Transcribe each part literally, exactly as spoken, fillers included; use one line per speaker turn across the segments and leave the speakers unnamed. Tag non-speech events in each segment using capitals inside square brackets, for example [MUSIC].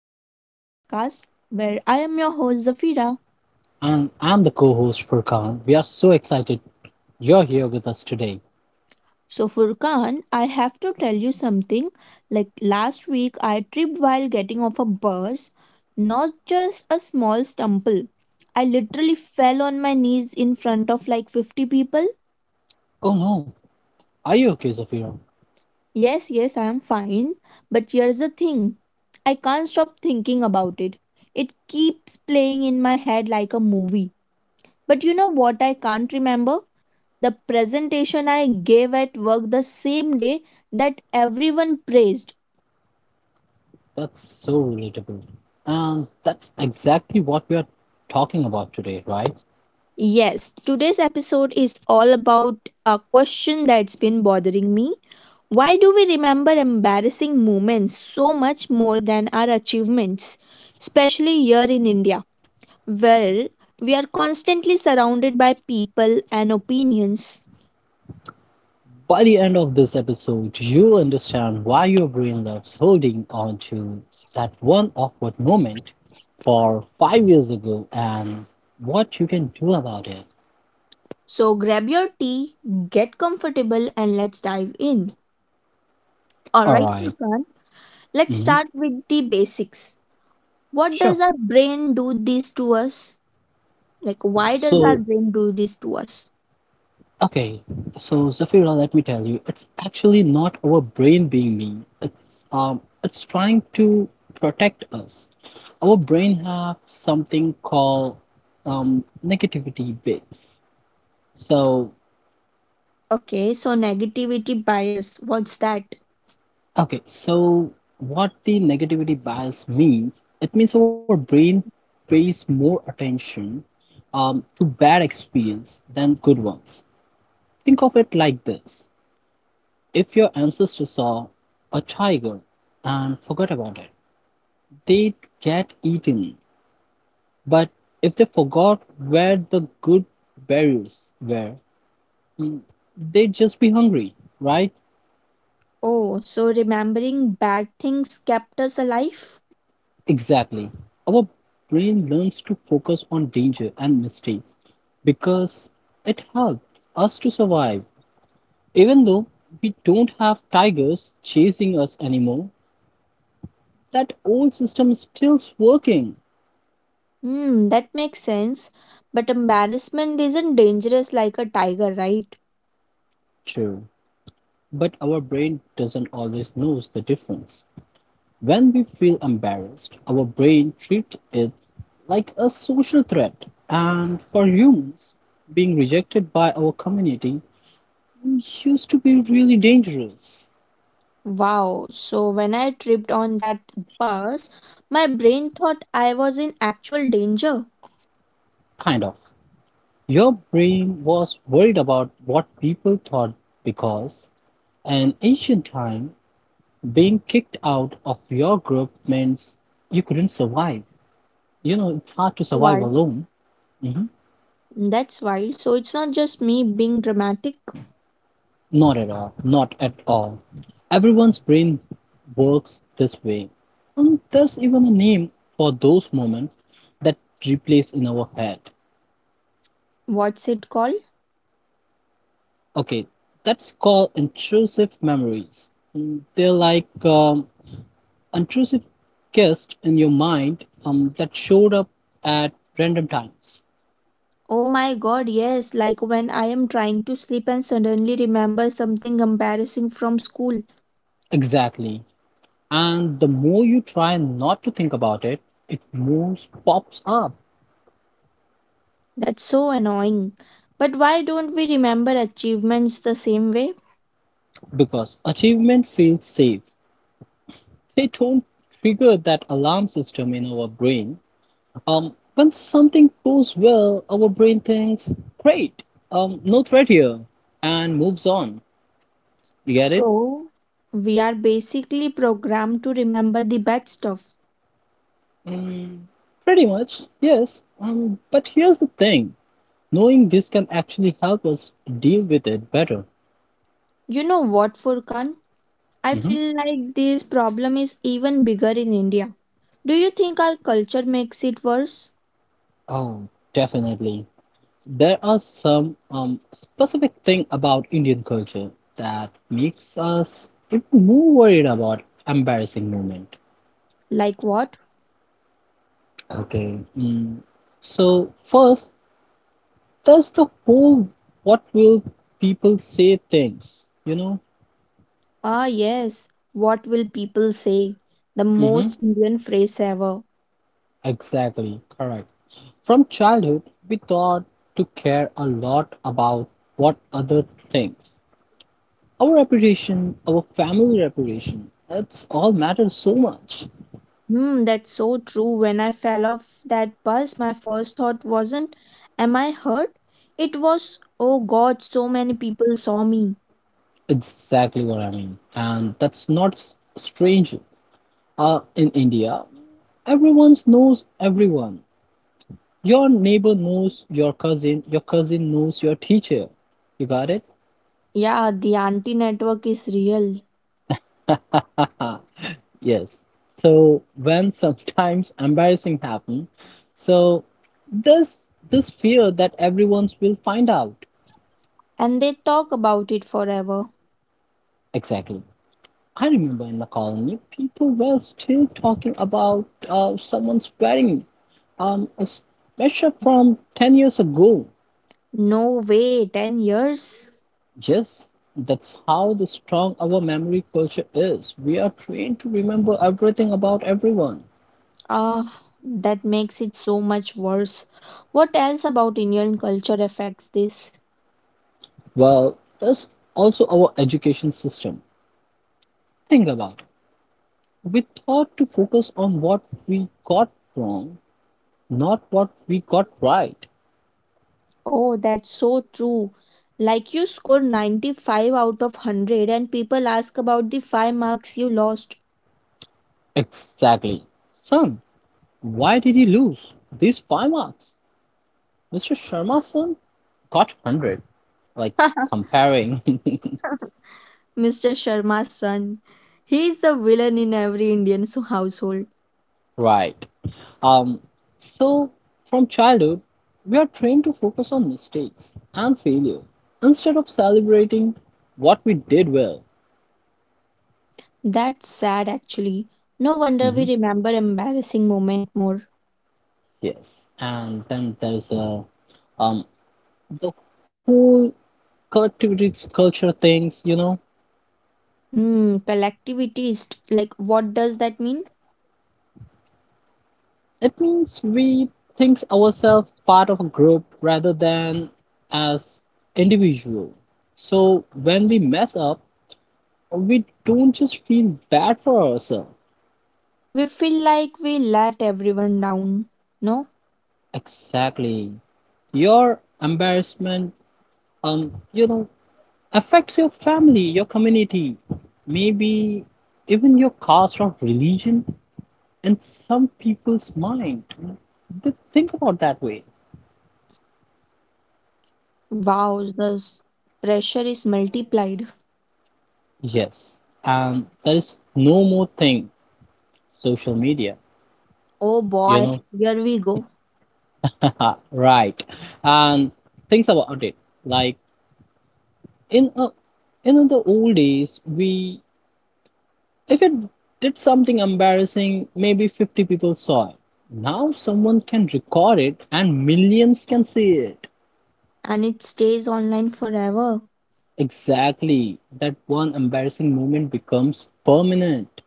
welcome to our podcast where I am your host Zafira.
And I'm the co host Furkan. We are so excited you're here with us today.
So Furkan, I have to tell you something. Like last week I tripped while getting off a bus, not just a small stumble. I literally fell on my knees in front of like fifty people.
Oh no, are you okay, Zafira?
Yes, yes, I am fine, but here's the thing. I can't stop thinking about it. It keeps playing in my head like a movie. But you know what I can't remember? The presentation I gave at work the same day that everyone praised.
That's so relatable. And that's exactly what we are talking about today, right?
Yes, today's episode is all about a question that's been bothering me. Why do we remember embarrassing moments so much more than our achievements, especially here in India? Well, we are constantly surrounded by people and opinions.
By the end of this episode, you'll understand why your brain loves holding on to that one awkward moment for five years ago and what you can do about it.
So grab your tea, get comfortable, and let's dive in. All
All
right,
right.
Furkan. Let's
Mhm.
start with the basics. What
Sure.
does our brain do this to us? Like, why does our
So
brain do this to us?
Okay, so Zafira, let me tell you, it's actually not our brain being mean. It's um, it's trying to protect us. Our brain have something called um, negativity bias. So,
Okay, so negativity bias. What's that?
okay, so what the negativity bias means? It means our brain pays more attention um, to bad experience than good ones. Think of it like this. If your ancestors saw a tiger and forgot about it, they'd get eaten. But if they forgot where the good berries were, they'd just be hungry, right?
Oh, so remembering bad things kept us alive?
Exactly. Our brain learns to focus on danger and mistakes because it helped us to survive. Even though we don't have tigers chasing us anymore, that old system is still working.
Hmm, that makes sense. But embarrassment isn't dangerous like a tiger, right?
True. But our brain doesn't always knows the difference. When we feel embarrassed, our brain treats it like a social threat. And for humans, being rejected by our community used to be really dangerous.
Wow, so when I tripped on that bus, my brain thought I was in actual danger.
Kind of. Your brain was worried about what people thought because, in ancient time, being kicked out of your group means you couldn't survive. You know, it's hard to survive alone. Mm-hmm.
That's wild. So it's not just me being dramatic.
Not at all. Not at all. Everyone's brain works this way. And there's even a name for those moments that replace in our head.
What's it called?
Okay, that's called intrusive memories. Mm, they're like um, intrusive guests in your mind um, that showed up at random times.
Oh my god, yes. Like when I am trying to sleep and suddenly remember something embarrassing from school.
Exactly. And the more you try not to think about it, it more pops up
That's so annoying. But why don't we remember achievements the same way?
because achievement feels safe, they don't trigger that alarm system in our brain. Um, when something goes well, our brain thinks, great, um, no threat here, and moves on. You get it?
So we are basically programmed to remember the bad stuff.
Mm, pretty much, yes. Um, but here's the thing, knowing this can actually help us deal with it better.
You know what, Furkan? I
Mhm.
feel like this problem is even bigger in India. Do you think our culture makes it worse?
Oh, definitely. There are some um, specific thing about Indian culture that makes us even more worried about embarrassing moment.
Like what?
Okay. Mm. So first, there's the whole what will people say things, you know?
Ah, yes. What will people say? The most
Mm-hmm.
Indian phrase ever.
Exactly, correct. From childhood, we thought to care a lot about what other thinks. Our reputation, our family reputation, that's all matters so much.
Hmm, that's so true. When I fell off that bus, my first thought wasn't, am I hurt? It was, oh God, so many people saw me.
Exactly what I mean. And that's not strange. Uh, in India, everyone knows everyone. Your neighbor knows your cousin, your cousin knows your teacher. You got it?
Yeah, the anti network is real.
Haha, [LAUGHS] yes. So when [LAUGHS] sometimes embarrassing happen, so this this fear that everyone will find out.
And they talk about it forever.
Exactly. I remember in the colony, people were still talking about uh, someone's wedding, um, a special from ten years ago.
No way, ten years?
Yes, that's how the strong our memory culture is. We are trained to remember everything about everyone.
Ah, that makes it so much worse. What else about Indian culture affects this?
Well, there's also our education system. Think about it. We thought to focus on what we got wrong, not what we got right.
Oh, that's so true. Like you score ninety-five out of one hundred and people ask about the five marks you lost.
Exactly. Son, why did he lose these five marks? mister Sharma's son got one hundred. Like, comparing. [LAUGHS]
[LAUGHS] mister Sharma's son. He is the villain in every Indian so- household.
Right. Um, so, from childhood, we are trained to focus on mistakes and failure instead of celebrating what we did well.
That's sad actually. No wonder we
Hmm.
remember embarrassing moment more.
Yes. And then there's a, um, the whole collectivity culture things, you know,
Hmm, collectivist. Like what does that mean?
it means we think ourselves part of a group rather than as individual. So when we mess up, we don't just feel bad for ourselves.
We feel like we let everyone down. No?
Exactly. Your embarrassment, um, you know, affects your family, your community, maybe even your caste or religion in some people's mind. You know. They think about that way.
Wow, the s- pressure is multiplied.
Yes, and there is no more thing, social media,
Oh
you
boy,
know.
here we go.
[LAUGHS] Right. And things about it. Like in a, in the old days, we If it did something embarrassing, maybe fifty people saw it. Now someone can record it and millions can see it.
And it stays online forever.
Exactly. That one embarrassing moment becomes permanent.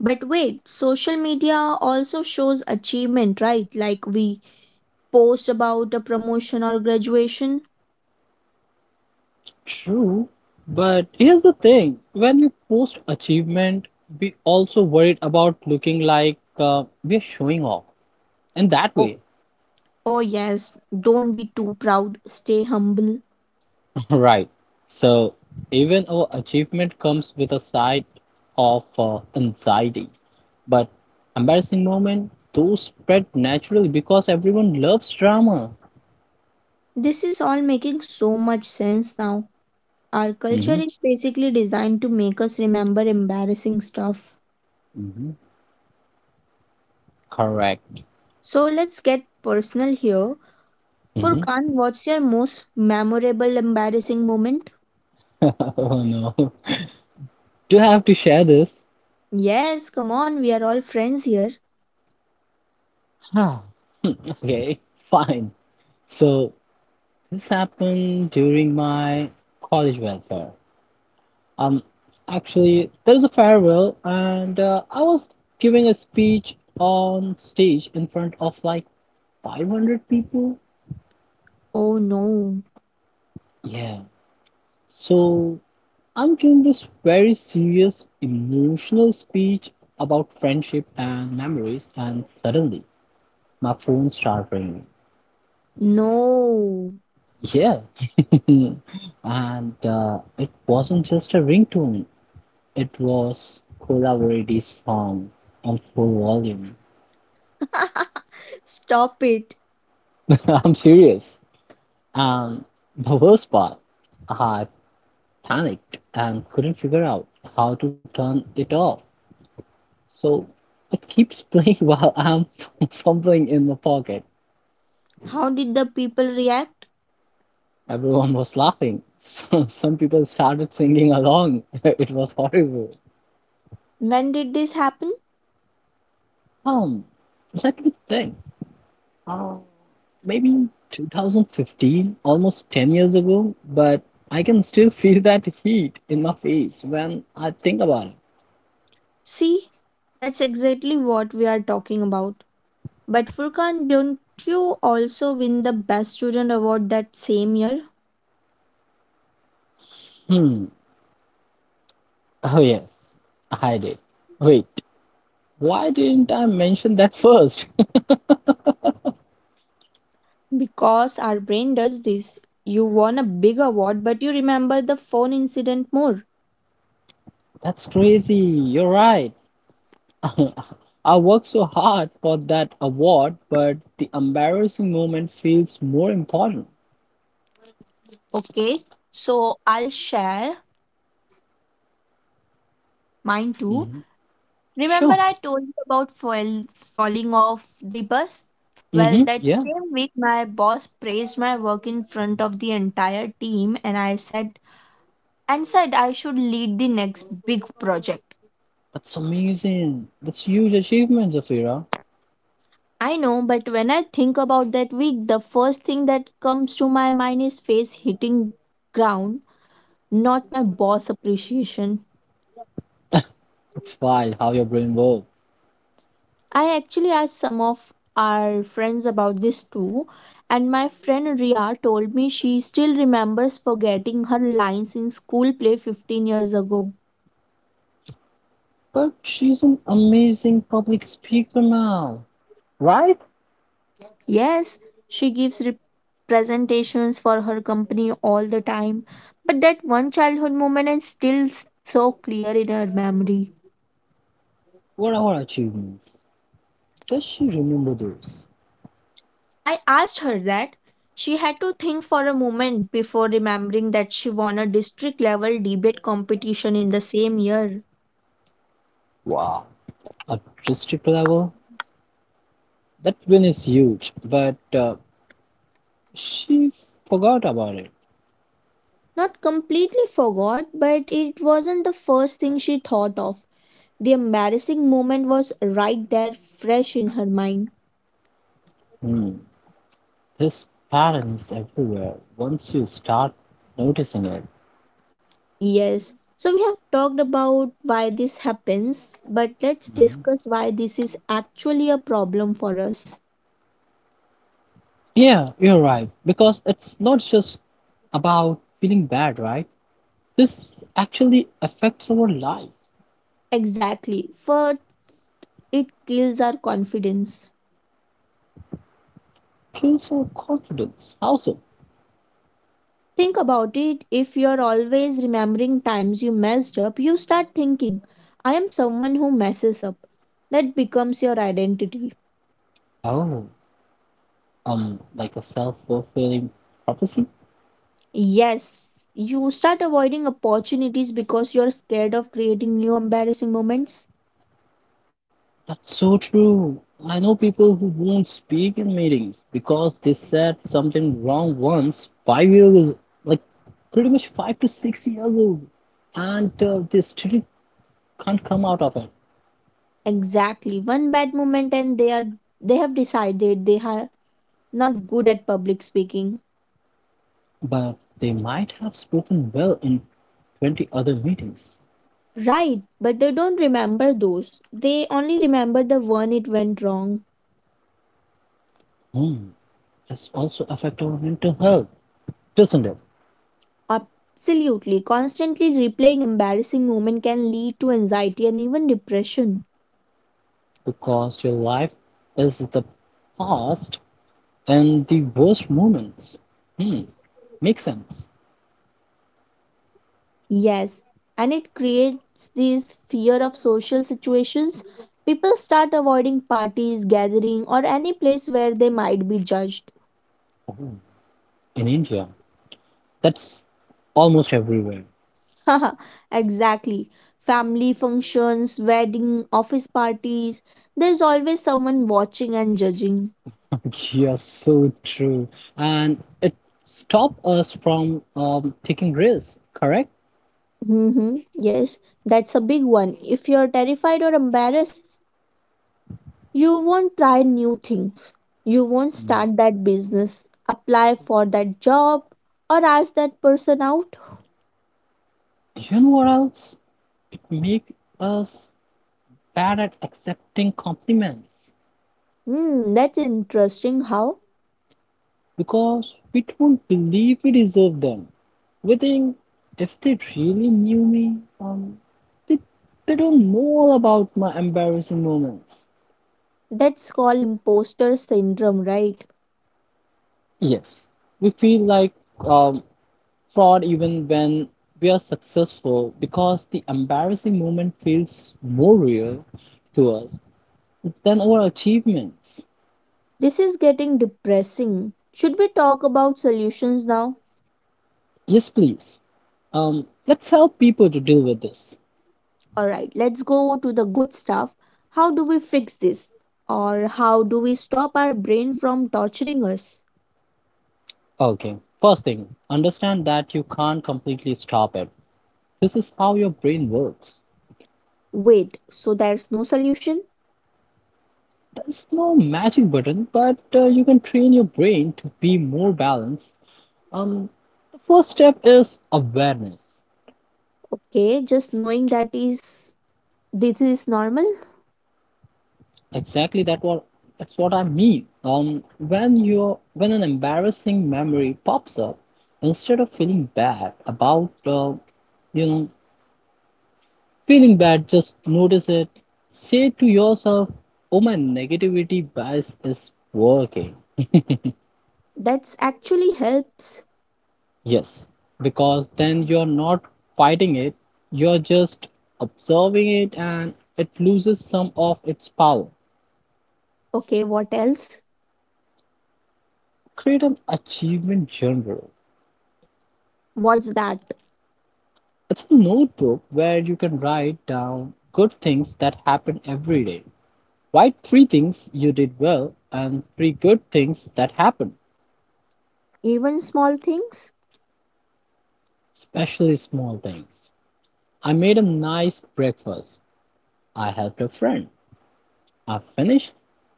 But wait, social media also shows achievement, right? Like we post about a promotion or graduation.
True. But here's the thing, when we post achievement, we also worried about looking like uh, we're showing off in that
Oh,
way.
oh yes, don't be too proud, stay humble.
Right. So even our achievement comes with a side of uh, anxiety, but embarrassing moment those spread naturally because everyone loves drama.
This is all making so much sense now. Our culture
Mm-hmm.
is basically designed to make us remember embarrassing stuff.
Mm-hmm. Correct.
So let's get personal here.
Mm-hmm. [LAUGHS]
Furkan, what's your most memorable embarrassing moment?
Oh no. [LAUGHS] Do you have to share this?
Yes, come on, we are all friends here.
Huh. Okay, fine. So this happened during my college welfare. Um, Actually, there is a farewell, and uh, I was giving a speech on stage in front of like five hundred people.
Oh no,
Yeah. So I'm giving this very serious, emotional speech about friendship and memories, and suddenly my phone started ringing.
no.
Yeah. [LAUGHS] And uh, it wasn't just a ringtone, it was Cola Verity's song on full volume.
[LAUGHS] Stop it.
[LAUGHS] I'm serious. And [LAUGHS] the worst part, I panicked and couldn't figure out how to turn it off. So it keeps playing [LAUGHS] while I'm [LAUGHS] fumbling in my pocket.
How did the people react?
Everyone was laughing. [LAUGHS] So some people started singing along. [LAUGHS] It was horrible.
When did this happen?
Um, Let me think. Uh, Maybe two thousand fifteen, almost ten years ago, but I can still feel that heat in my face when I think about it.
See, that's exactly what we are talking about. But Furkan, don't you also win the best student award that same year?
Hmm. Oh, yes, I did. Wait, why didn't I mention that first?
Because our brain does this. You won a big award, but you remember the phone incident more.
[LAUGHS] That's crazy. You're right. [LAUGHS] I worked so hard for that award, but the embarrassing moment feels more important.
Okay, so I'll share mine too.
Hmm.
Remember,
Sure.
I told you about fall, falling off the bus? Well,
Hmm.
that
Yeah,
same week, my boss praised my work in front of the entire team, and I said, and said I should lead the next big project.
that's amazing. That's huge achievement, Zafira.
I know, but when I think about that week, the first thing that comes to my mind is face hitting ground, not my boss appreciation.
[LAUGHS] It's wild how your brain works.
I actually asked some of our friends about this too, and my friend Ria told me she still remembers forgetting her lines in school play fifteen years ago.
But she's an amazing public speaker now, right?
Yes, she gives re- presentations for her company all the time, but that one childhood moment is still s- so clear in her memory.
What are her achievements? Does she remember those?
I asked her that. She had to think for a moment before remembering that she won a district level debate competition in the same year.
Wow. At district level, that win is huge, but uh, she forgot about it.
Not completely forgot, but it wasn't the first thing she thought of. The embarrassing moment was right there, fresh in her mind.
Hmm. This pattern is everywhere once you start noticing it.
Yes, so we have talked about why this happens, but let's
Mhm.
discuss why this is actually a problem for us.
Yeah, you're right, because it's not just about feeling bad, right? This actually affects our life,
Exactly, for it kills our confidence.
kills our confidence. Also,
Think about it, if you're always remembering times you messed up, you start thinking, I am someone who messes up. That becomes your identity.
oh, um, like a self fulfilling prophecy?
Yes, you start avoiding opportunities because you're scared of creating new embarrassing moments.
That's so true. I know people who won't speak in meetings because they said something wrong once five years ago, like pretty much five to six years ago, and uh, they still can't come out of it.
Exactly. One bad moment and they are they have decided they are not good at public speaking.
But they might have spoken well in twenty other meetings.
Right, but they don't remember those. They only remember the one it went wrong.
Hmm. This also affects our mental health, doesn't it?
Absolutely. Constantly replaying embarrassing moment can lead to anxiety and even depression.
Because your life is the past and the worst moments. Hmm. Makes sense.
Yes, and it creates this fear of social situations. People start avoiding parties, gathering, or any place where they might be judged.
Oh. In India. That's almost everywhere. [LAUGHS]
[LAUGHS] Haha, exactly. Family functions, wedding, office parties. There's always someone watching and judging.
Yeah, so true. And it stopped us from um, taking risks, correct?
Mm-hmm. Yes, that's a big one. If you're terrified or embarrassed, you won't try new things. You won't
Mm.
start that business, apply for that job, or ask that person out.
You know what else? It makes us bad at accepting compliments
Hmm, that's interesting. How?
because we don't believe we deserve them. We think if they really knew me, um, they, they don't know all about my embarrassing moments.
That's called imposter syndrome, right?
Yes, we feel like um, fraud even when we are successful because the embarrassing moment feels more real to us than our achievements.
This is getting depressing. Should we talk about solutions now?
Yes, please. Um, let's help people to deal with this.
Alright, let's go to the good stuff. How do we fix this? Or how do we stop our brain from torturing us?
Okay. First thing, understand that you can't completely stop it. This is how your brain works.
Wait, so there's no solution?
There's no magic button, but uh, you can train your brain to be more balanced. Um, the first step is awareness.
Okay, just knowing that is this is normal?
Exactly that what that's what I mean. Um, when you when an embarrassing memory pops up, instead of feeling bad about uh, you know feeling bad, just notice it. Say to yourself, "Oh, my negativity bias is working." [LAUGHS]
That's actually helps.
Yes, because then you're not fighting it, you're just observing it and it loses some of its power.
Okay, what else?
Create an achievement journal.
What's that?
It's a notebook where you can write down good things that happen every day. Write three things you did well and three good things that happened,
Even small things?
especially small things. I made a nice breakfast. I helped a friend. I finished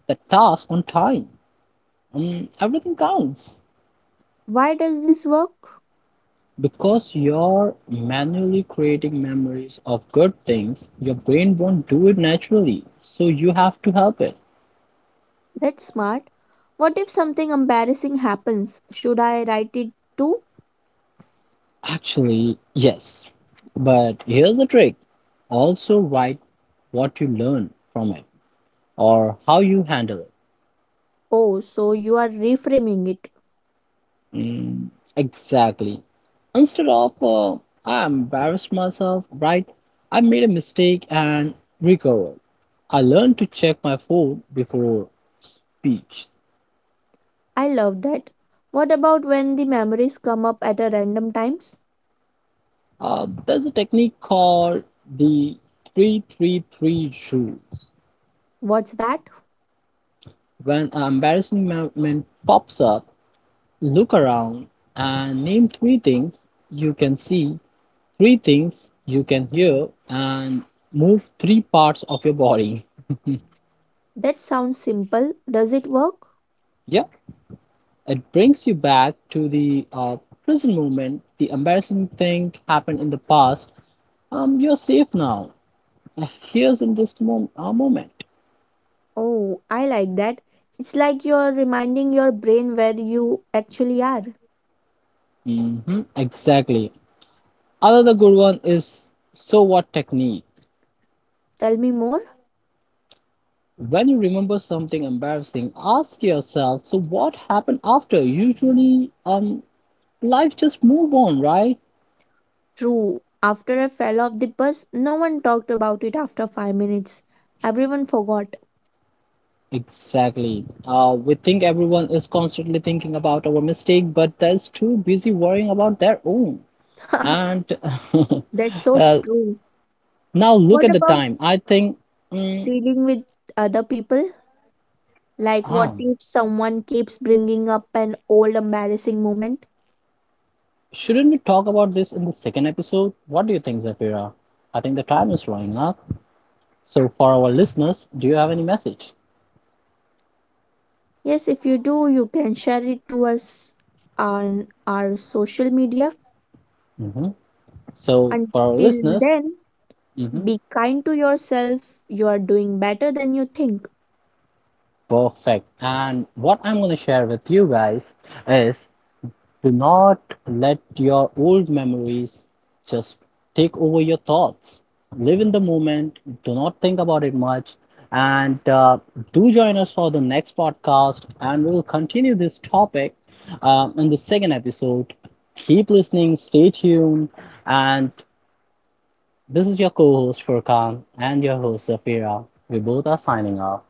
the task on time. Um, everything counts.
Why does this work?
Because you're manually creating memories of good things, your brain won't do it naturally, so you have to help it.
That's smart. What if something embarrassing happens? Should I write it too?
Actually, yes. But here's the trick, also write what you learn from it or how you handle it.
Oh, so you are reframing it.
Mm, exactly. Instead of, uh, I embarrassed myself, right? I made a mistake and recovered. I learned to check my food before speech.
I love that. What about when the memories come up at a random times?
Uh, there's a technique called the three three three rules.
What's that?
When an embarrassing moment pops up, look around and name three things you can see, three things you can hear, and move three parts of your body.
That sounds simple. Does it work?
Yeah, it brings you back to the uh, present moment. The embarrassing thing happened in the past. Um, you're safe now. Uh, Here's in this mom- uh, moment.
Oh, I like that. It's like you're reminding your brain where you actually are.
Hmm, exactly. Another good one is so what technique.
Tell me more.
When you remember something embarrassing, ask yourself, so what happened after? Usually, um, life just move on, right?
True. After I fell off the bus, no one talked about it after five minutes. Everyone forgot.
Exactly. Uh, we think everyone is constantly thinking about our mistake, but they're too busy worrying about their own.
[LAUGHS]
And [LAUGHS]
That's so
uh,
true.
now look
What
at the
about
time. I think, mm,
dealing with other people? Like, what
ah,
if someone keeps bringing up an old embarrassing moment?
shouldn't we talk about this in the second episode? What do you think, Zafira? I think the time is running up. So for our listeners, do you have any message?
Yes, if you do, you can share it to us on our social media.
Mhm. So, for our
Until
listeners,
then,
mhm,
be kind to yourself. You are doing better than you think.
perfect. And what I'm going to share with you guys is do not let your old memories just take over your thoughts. Live in the moment, do not think about it much. And uh, do join us for the next podcast, and we'll continue this topic um, in the second episode. Keep listening, stay tuned, and this is your co host Furkan and your host Safira. We both are signing off.